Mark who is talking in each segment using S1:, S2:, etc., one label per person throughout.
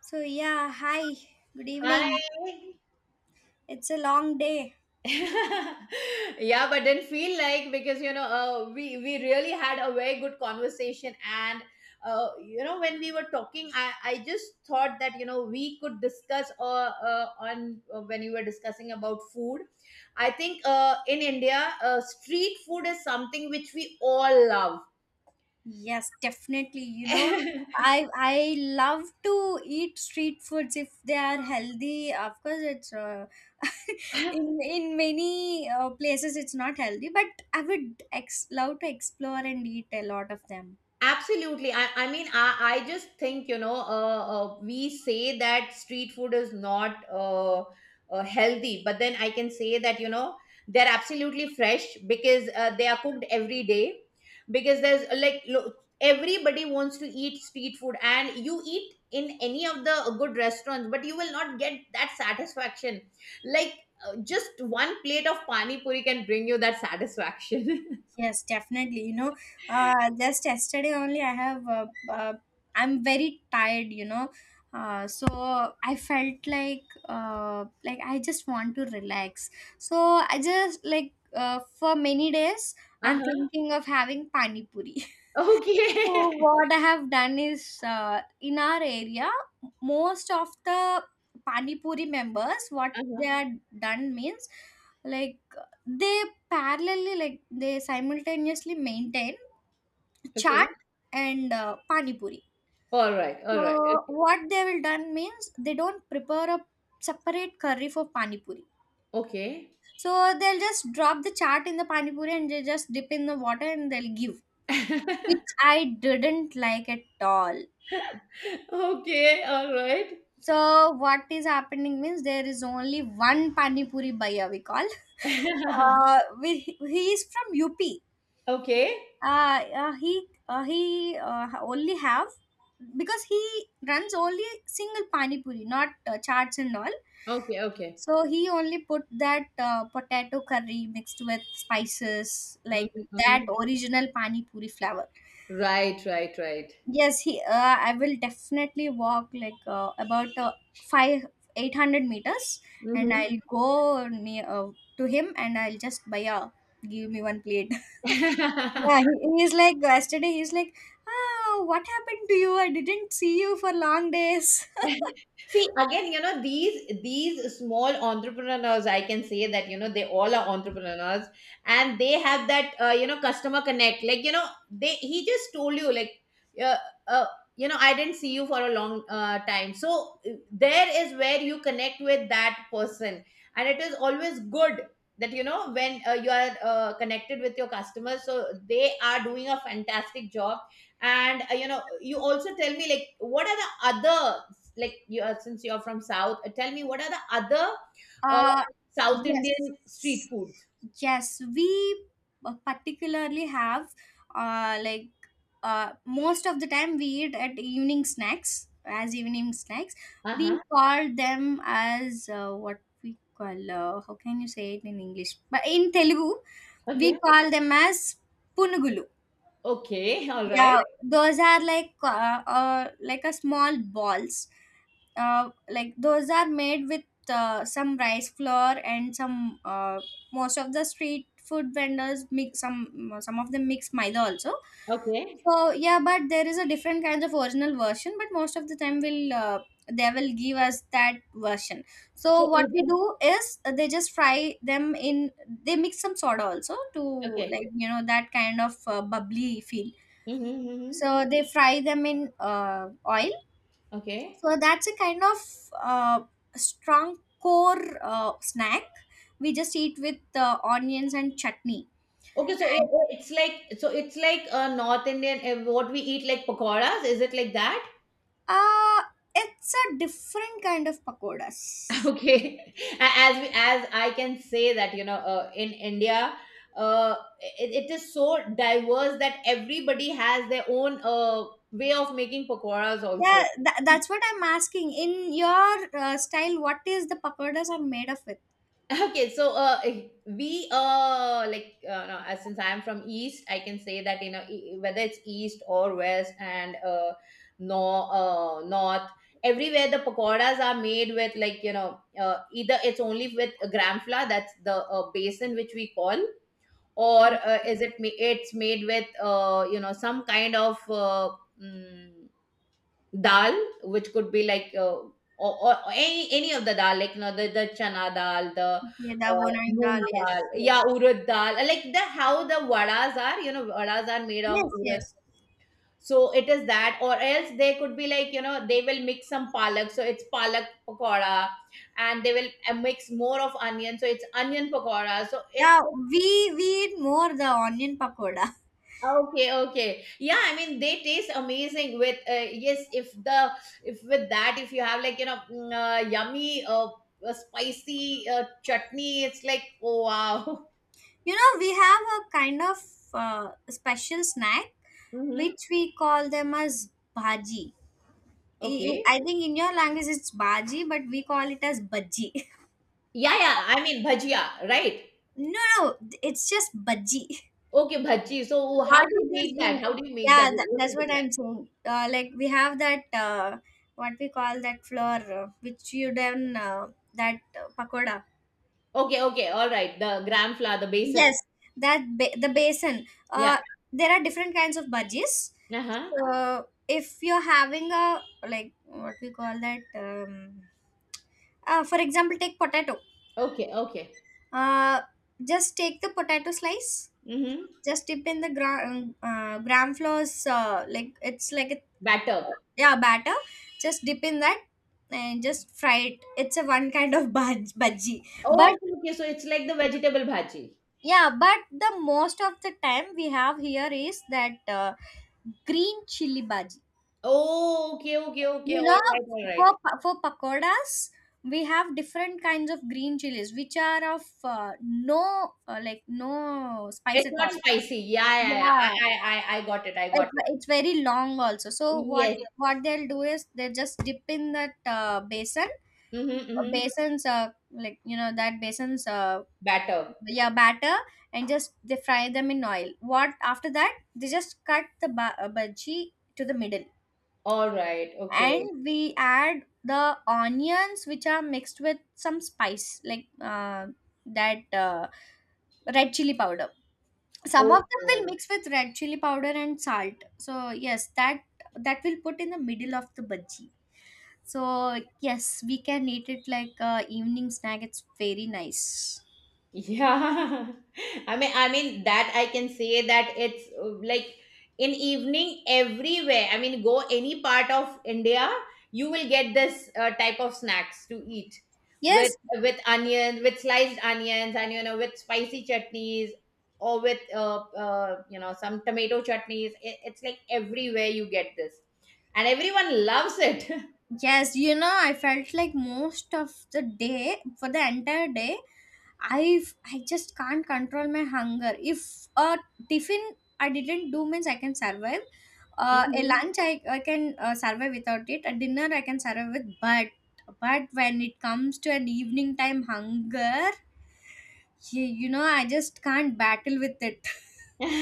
S1: So, yeah, hi, good evening.
S2: Hi.
S1: It's a long day.
S2: Yeah, but didn't feel like because we really had a very good conversation. And when we were talking, I just thought that we could discuss on when you were discussing about food. I think in India, street food is something which we all
S1: Yes, definitely. You know,
S2: love.
S1: I love to eat street foods if they are healthy. Of course, it's in many places it's not healthy, but I would love to explore and eat a lot of them.
S2: Absolutely. I mean, I just think, we say that street food is not healthy, but then I can say that, they're absolutely fresh because they are cooked every day. Because there's like, look, everybody wants to eat street food, and you eat in any of the good restaurants, but you will not get that satisfaction. Like, just one plate of pani puri can bring you that satisfaction.
S1: Yes, definitely. You know, just yesterday only I have, I'm very tired, you know. So I felt like I just want to relax. So I just like, for many days, I'm
S2: Uh-huh.
S1: thinking of having pani puri. So
S2: Okay.
S1: what I have done is in our area, most of the pani puri members, what they
S2: Uh-huh.
S1: are done means like they parallelly like they simultaneously maintain
S2: Okay.
S1: chaat and pani puri.
S2: All right. All right.
S1: So
S2: Okay.
S1: what they will done means they don't prepare a separate curry for pani puri.
S2: Okay.
S1: So they'll just drop the chaat in the pani puri and they just dip in the water and they'll give, which I didn't like at all.
S2: Okay. All right.
S1: So what is happening means there is only one pani puri bhaiya we call. We, he is from UP.
S2: Okay.
S1: He only have because he runs only single pani puri, not charts and all.
S2: Okay. Okay.
S1: So he only put that potato curry mixed with spices
S2: Mhm,
S1: like that
S2: mhm.
S1: original pani puri flavor.
S2: Right. Right. Right.
S1: Yes, he. I will definitely walk like about five eight hundred meters, and
S2: Hmm.
S1: I'll go near to him, and I'll just buy a give me one plate. Yeah, he's like yesterday. He's like, oh, what happened to you? I didn't see you for long days.
S2: See, again, these small entrepreneurs, I can say that, they all are entrepreneurs and they have that, customer connect. Like, you know, they he just told you like, uh, uh, I didn't see you for a long time. So there is where you connect with that person. And it is always good that, when you are connected with your customers, so they are doing a fantastic job. And, you also tell me like, what are the other like you are since you're from South, tell me what are the other uh,
S1: Uh,
S2: South Indian street
S1: yes,
S2: foods?
S1: yes, we particularly have like most of the time we eat at evening snacks as evening snacks.
S2: Uh-huh.
S1: We call them as what we call how can you say it in English? But in Telugu, we
S2: Okay.
S1: call them as punugulu.
S2: Okay, all right.
S1: Yeah, those are like a small balls. Like those are made with some rice flour and some most of the street food vendors mix some of them mix maida also.
S2: Okay.
S1: So yeah, but there is a different kinds of original version, but most of the time will they will give us that version. So
S2: So
S1: what
S2: is
S1: we
S2: it
S1: do is they just fry them in they mix some soda also to
S2: okay?
S1: like you know that kind of bubbly feel
S2: Mm-hmm, mm-hmm.
S1: so they fry them in oil
S2: Okay.
S1: so that's a kind of strong core snack we just eat with onions and chutney
S2: Okay, so it,
S1: and
S2: it's like so it's like North Indian, what we eat like pakoras. Is it like that?
S1: uh, it's a different kind of pakodas.
S2: Okay, as I can say that in India, uh, it is so diverse that everybody has their own way of making pakoras also.
S1: Yeah, that's what I'm asking. In your style, what is the pakodas are made of with?
S2: Okay, so we like no, since I'm from East, I can say that whether it's East or West and no North, everywhere the pakoras are made with like either it's only with gram flour, that's the basin which we call, or it's made with some kind of mm, dal, which could be like or any of the dal, like the chana dal, the
S1: Okay, the bonang
S2: moong
S1: dal. Yes,
S2: dal,
S1: yes.
S2: yeah, urad dal, like the how the vadas are vadas are made of
S1: Yes,
S2: urad.
S1: yes.
S2: So it is that, or else they could be like they will mix some palak, so it's palak pakora, and they will mix more of onion, so it's onion pakora, so it's
S1: Yeah, we eat more the onion pakoda.
S2: Okay, okay. Yeah, I mean they taste amazing with yes, if with that, if you have like yummy, spicy chutney, it's like oh, wow.
S1: You know, we have a kind of special snack
S2: Mm-hmm.
S1: which we call them as bhaji. I
S2: Okay.
S1: I- think in your language it's bhaji, but we call it as bhaji.
S2: Yeah, yeah. I mean bhajia, right?
S1: No, no, it's just bhaji.
S2: Okay, bhaji. So how
S1: What
S2: do
S1: it
S2: you
S1: is,
S2: make
S1: you,
S2: that? How do you make
S1: yeah,
S2: that? What
S1: that's
S2: is it
S1: what I'm
S2: like?
S1: saying. Like we have that what we call that flour, which you done that pakoda.
S2: Okay, okay. All right. The gram flour, the basin.
S1: Yes, that the basin.
S2: Yeah.
S1: There are different kinds of budgies.
S2: Uh huh.
S1: So if you're having a like what we call that, for example, take potato.
S2: Okay, okay.
S1: Uh, just take the potato slice.
S2: Mm-hmm.
S1: Just dip in the gram gram flours. Like it's like a
S2: Batter.
S1: yeah batter. Just dip in that and just fry it. It's a one kind of budge budgie,
S2: Oh,
S1: but
S2: okay. Okay, so it's like the vegetable bhaji.
S1: yeah but the most of the time we have here is that green chili bhaji.
S2: Oh, okay, okay, okay.
S1: You
S2: All
S1: know,
S2: right, all right.
S1: for for pakodas we have different kinds of green chilies which are of no like no spice
S2: It's
S1: at
S2: not
S1: all.
S2: spicy. Yeah, yeah, yeah.
S1: Yeah,
S2: I got it. I got it.
S1: it's very long also, so
S2: Yes.
S1: what they'll do is they just dip in that basin
S2: Mm-hmm, mm-hmm.
S1: basin's like you know that basin's
S2: Batter.
S1: yeah batter and just they fry them in oil what after that they just cut the bhaji to the middle
S2: All right. Okay.
S1: and we add the onions which are mixed with some spice like that red chili powder. Some of
S2: Okay.
S1: them will
S2: Okay.
S1: mix with red chili powder and salt, so yes, that that will put in the middle of the bhaji. So yes, we can eat it like evening snack. It's very nice.
S2: Yeah, I mean that I can say that it's like in evening everywhere. I mean, go any part of India, you will get this type of snacks to eat with
S1: Yes.
S2: with onions, with sliced onions, and with spicy chutneys or with some tomato chutneys. It's like everywhere you get this, and everyone loves it.
S1: Yes, you know, I felt like most of the day, for the entire day, I just can't control my hunger. If a tiffin I didn't do means I can survive. A
S2: Mhm.
S1: lunch I can survive without it. A dinner I can survive with, but when it comes to an evening time hunger, you know, I just can't battle with it.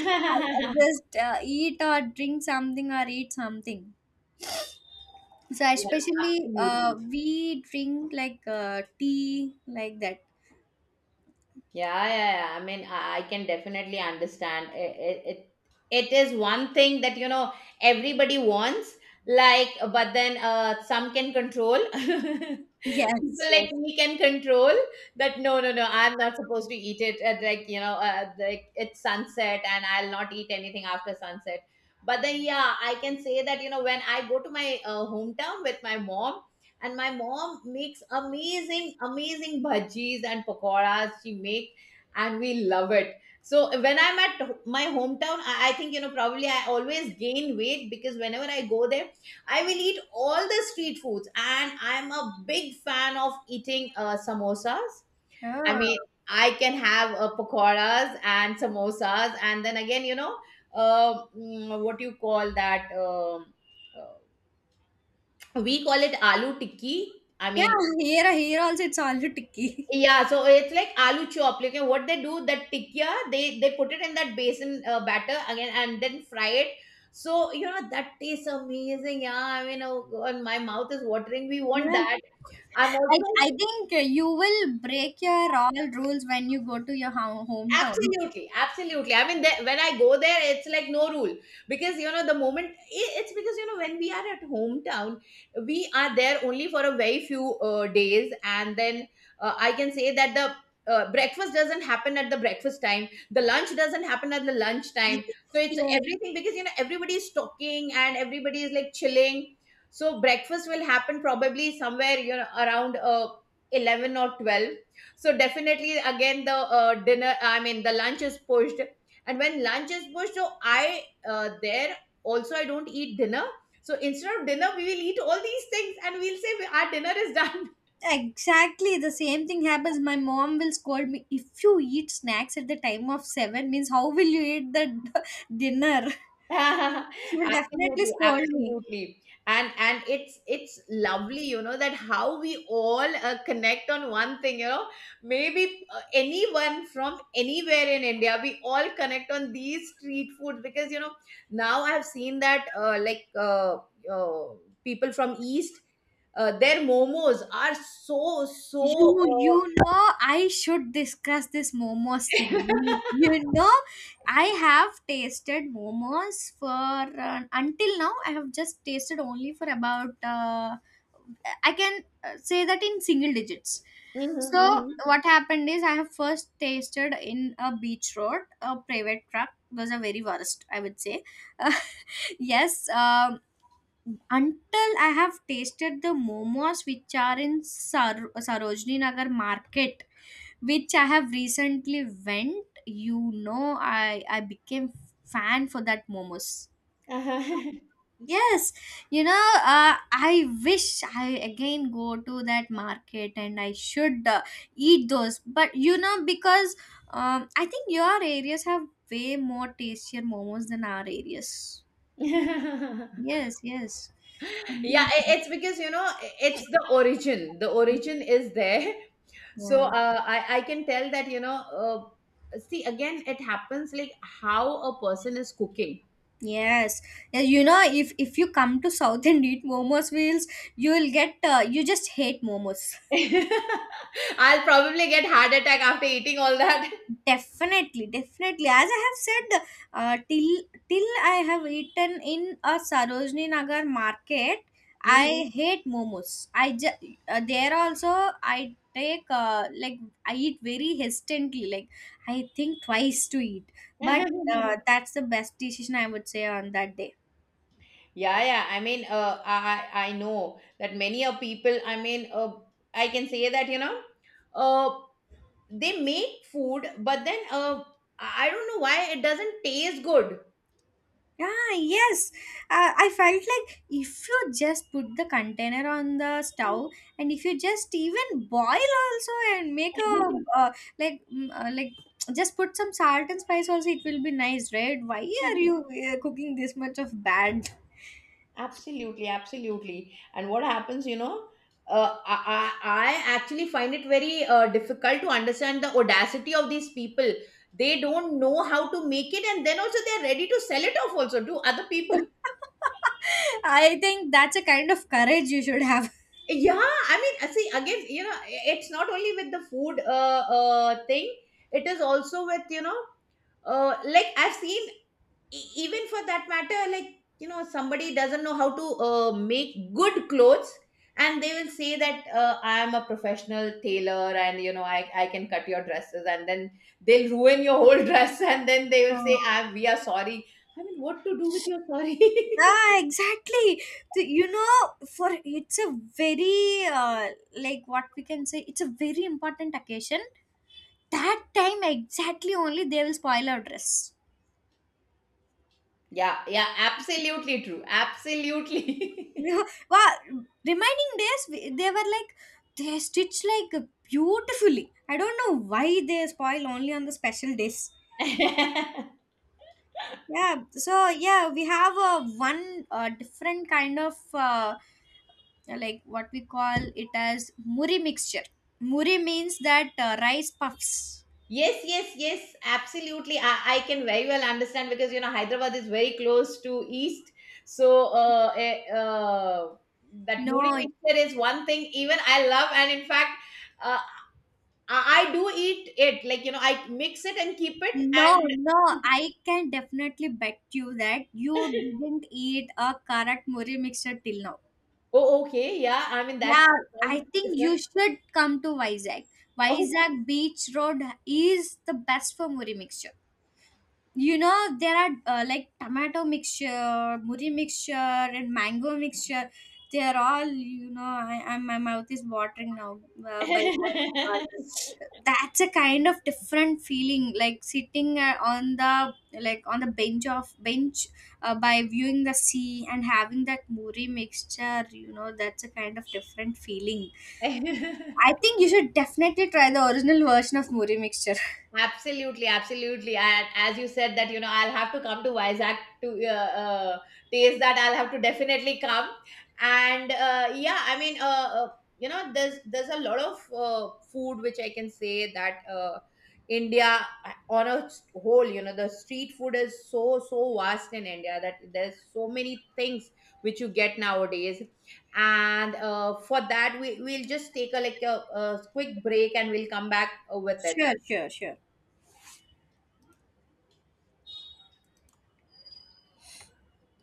S1: I just eat or drink something or eat something. So
S2: Yeah,
S1: especially
S2: absolutely.
S1: we drink like tea like that.
S2: Yeah, yeah, yeah. I mean, I can definitely understand. It is one thing that, everybody wants, like, but then some can control. People
S1: Yes, yes.
S2: like me can control that. No, no, no, I'm not supposed to eat it at like like it's sunset, and I'll not eat anything after sunset. But then, yeah, I can say that when I go to my hometown with my mom, and my mom makes amazing, amazing bhajis and pakoras she make, and we love it. So when I'm at my hometown, I think probably I always gain weight, because whenever I go there, I will eat all the street foods, and I'm a big fan of eating samosas. I
S1: Oh.
S2: mean, I can have pakoras and samosas, and then again, what do you call that? Uh, we call it aloo tikki. I
S1: Yeah,
S2: mean,
S1: here also it's already ticky.
S2: yeah, so it's like aloo chop. Like what they do, that tikya, they put it in that basin batter again and then fry it. So that tastes amazing. Yeah, I mean, oh God, my mouth is watering. We want
S1: Yeah.
S2: that. I'm
S1: I,
S2: also
S1: I think you will break your all rules when you go to your hometown.
S2: Absolutely, absolutely. I mean, there, when I go there, it's like no rule. Because the moment it's because when we are at hometown, we are there only for a very few days, and then I can say that the breakfast doesn't happen at the breakfast time, the lunch doesn't happen at the lunch time. So it's
S1: Yes,
S2: everything, because everybody is talking and everybody is like chilling. So breakfast will happen probably somewhere around 11 or 12. So definitely again, the dinner, I mean, the lunch is pushed, and when lunch is pushed, so I there also I don't eat dinner. So instead of dinner, we will eat all these things, and we'll say our dinner is done.
S1: exactly. The same thing happens. My mom will scold me if you eat snacks at the time of 7. Means how will you eat the dinner? She will definitely
S2: Absolutely,
S1: scold me.
S2: absolutely. And it's lovely, that how we all connect on one thing. Maybe anyone from anywhere in India, we all connect on these street foods, because now I've seen that uh, people from East, their momos are so, so
S1: You know I should discuss this momos thing.
S2: uh,
S1: You know I have tasted momos for until now I have just tasted only for about I can say that in single digits. So
S2: mhm,
S1: what happened is I have first tasted in a beach road. A private truck was a very worst I would say. Yes, until I have tasted the momos which are in Sarojini Nagar market, which I have recently went, you know, I became fan for that momos.
S2: mhm.
S1: Yes, you know, I wish I again go to that market and I should eat those. But you know, because I think your areas have way more tastier momos than our areas. Yes, yes.
S2: Yeah,
S1: Amazing.
S2: it's because it's the origin, the origin is there. So
S1: Yeah.
S2: I can tell that uh, see, again, it happens like how a person is cooking.
S1: Yes. Yeah, you know if you come to South and eat momos wheels, you will get you just hate momos.
S2: I'll probably get heart attack after eating all that.
S1: Definitely, definitely. As I have said, uh, till till I have eaten in a Sarojini Nagar market,
S2: Mhm.
S1: I hate momos. I just there also I take like I eat very hesitantly. Like I think twice to eat, but that's the best decision I would say on that day.
S2: Yeah, yeah, I mean, I know that many a people, I mean, I can say that uh, they make food, but then I don't know why it doesn't taste good.
S1: Ah, yes. I felt like if you just put the container on the stove and if you just even boil also and make a like like just put some salt and spice also it will be nice, right? Why are you cooking this much of bad?
S2: Absolutely, absolutely. And what happens, I actually find it very difficult to understand the audacity of these people. They don't know how to make it, and then also they're ready to sell it off also to other people.
S1: I think that's a kind of courage you should have.
S2: Yeah, I mean, see, again, it's not only with the food thing, it is also with, like I've seen even for that matter, like, somebody doesn't know how to make good clothes, and they will say that I am a professional tailor, and, I can cut your dresses, and then they'll ruin your whole dress, and then they will say,
S1: Oh.
S2: "I we are sorry." I mean, what to do with your sorry?
S1: Ah, exactly. You know, for it's a very like what we can say, it's a very important occasion. That time exactly only they will spoil our dress.
S2: Yeah, yeah, absolutely true. Absolutely.
S1: Yeah, wow, remaining days they were like they stitch like beautifully. I don't know why they spoil only on the special days. Yeah, so yeah, we have a one different kind of like what we call it as muri mixture. Muri means that rice puffs.
S2: Yes, yes, yes, absolutely. I can very well understand, because Hyderabad is very close to East, so that
S1: No.
S2: moody mixture is one thing. Even I love, and in fact, uh, I do eat it. Like, I mix it and keep it.
S1: No,
S2: And
S1: no, I can definitely bet you that you didn't eat a karat muri mixture till now.
S2: oh, okay, yeah. I mean
S1: Yeah,
S2: that's sounds
S1: I think you
S2: different.
S1: should come to Vizag.
S2: Oh.
S1: Vizag Beach Road is the best for muri mixture. You know there are like tomato mixture, muri mixture, and mango mixture. They're all, you know, my mouth is watering now by that. That's a kind of different feeling, like sitting on the like on the bench of bench by viewing the sea and having that muri mixture. You know, that's a kind of different feeling.
S2: 哎，
S1: I think you should definitely try the original version of muri mixture.
S2: Absolutely, absolutely. And as you said that, I'll have to come to Vizag to taste that. I'll have to definitely come. And yeah, I mean, there's a lot of food, which I can say that India, on a whole, the street food is so, so vast in India that there's so many things which you get nowadays. And for that, we'll just take a quick break and we'll come back with it.
S1: Sure, sure, sure.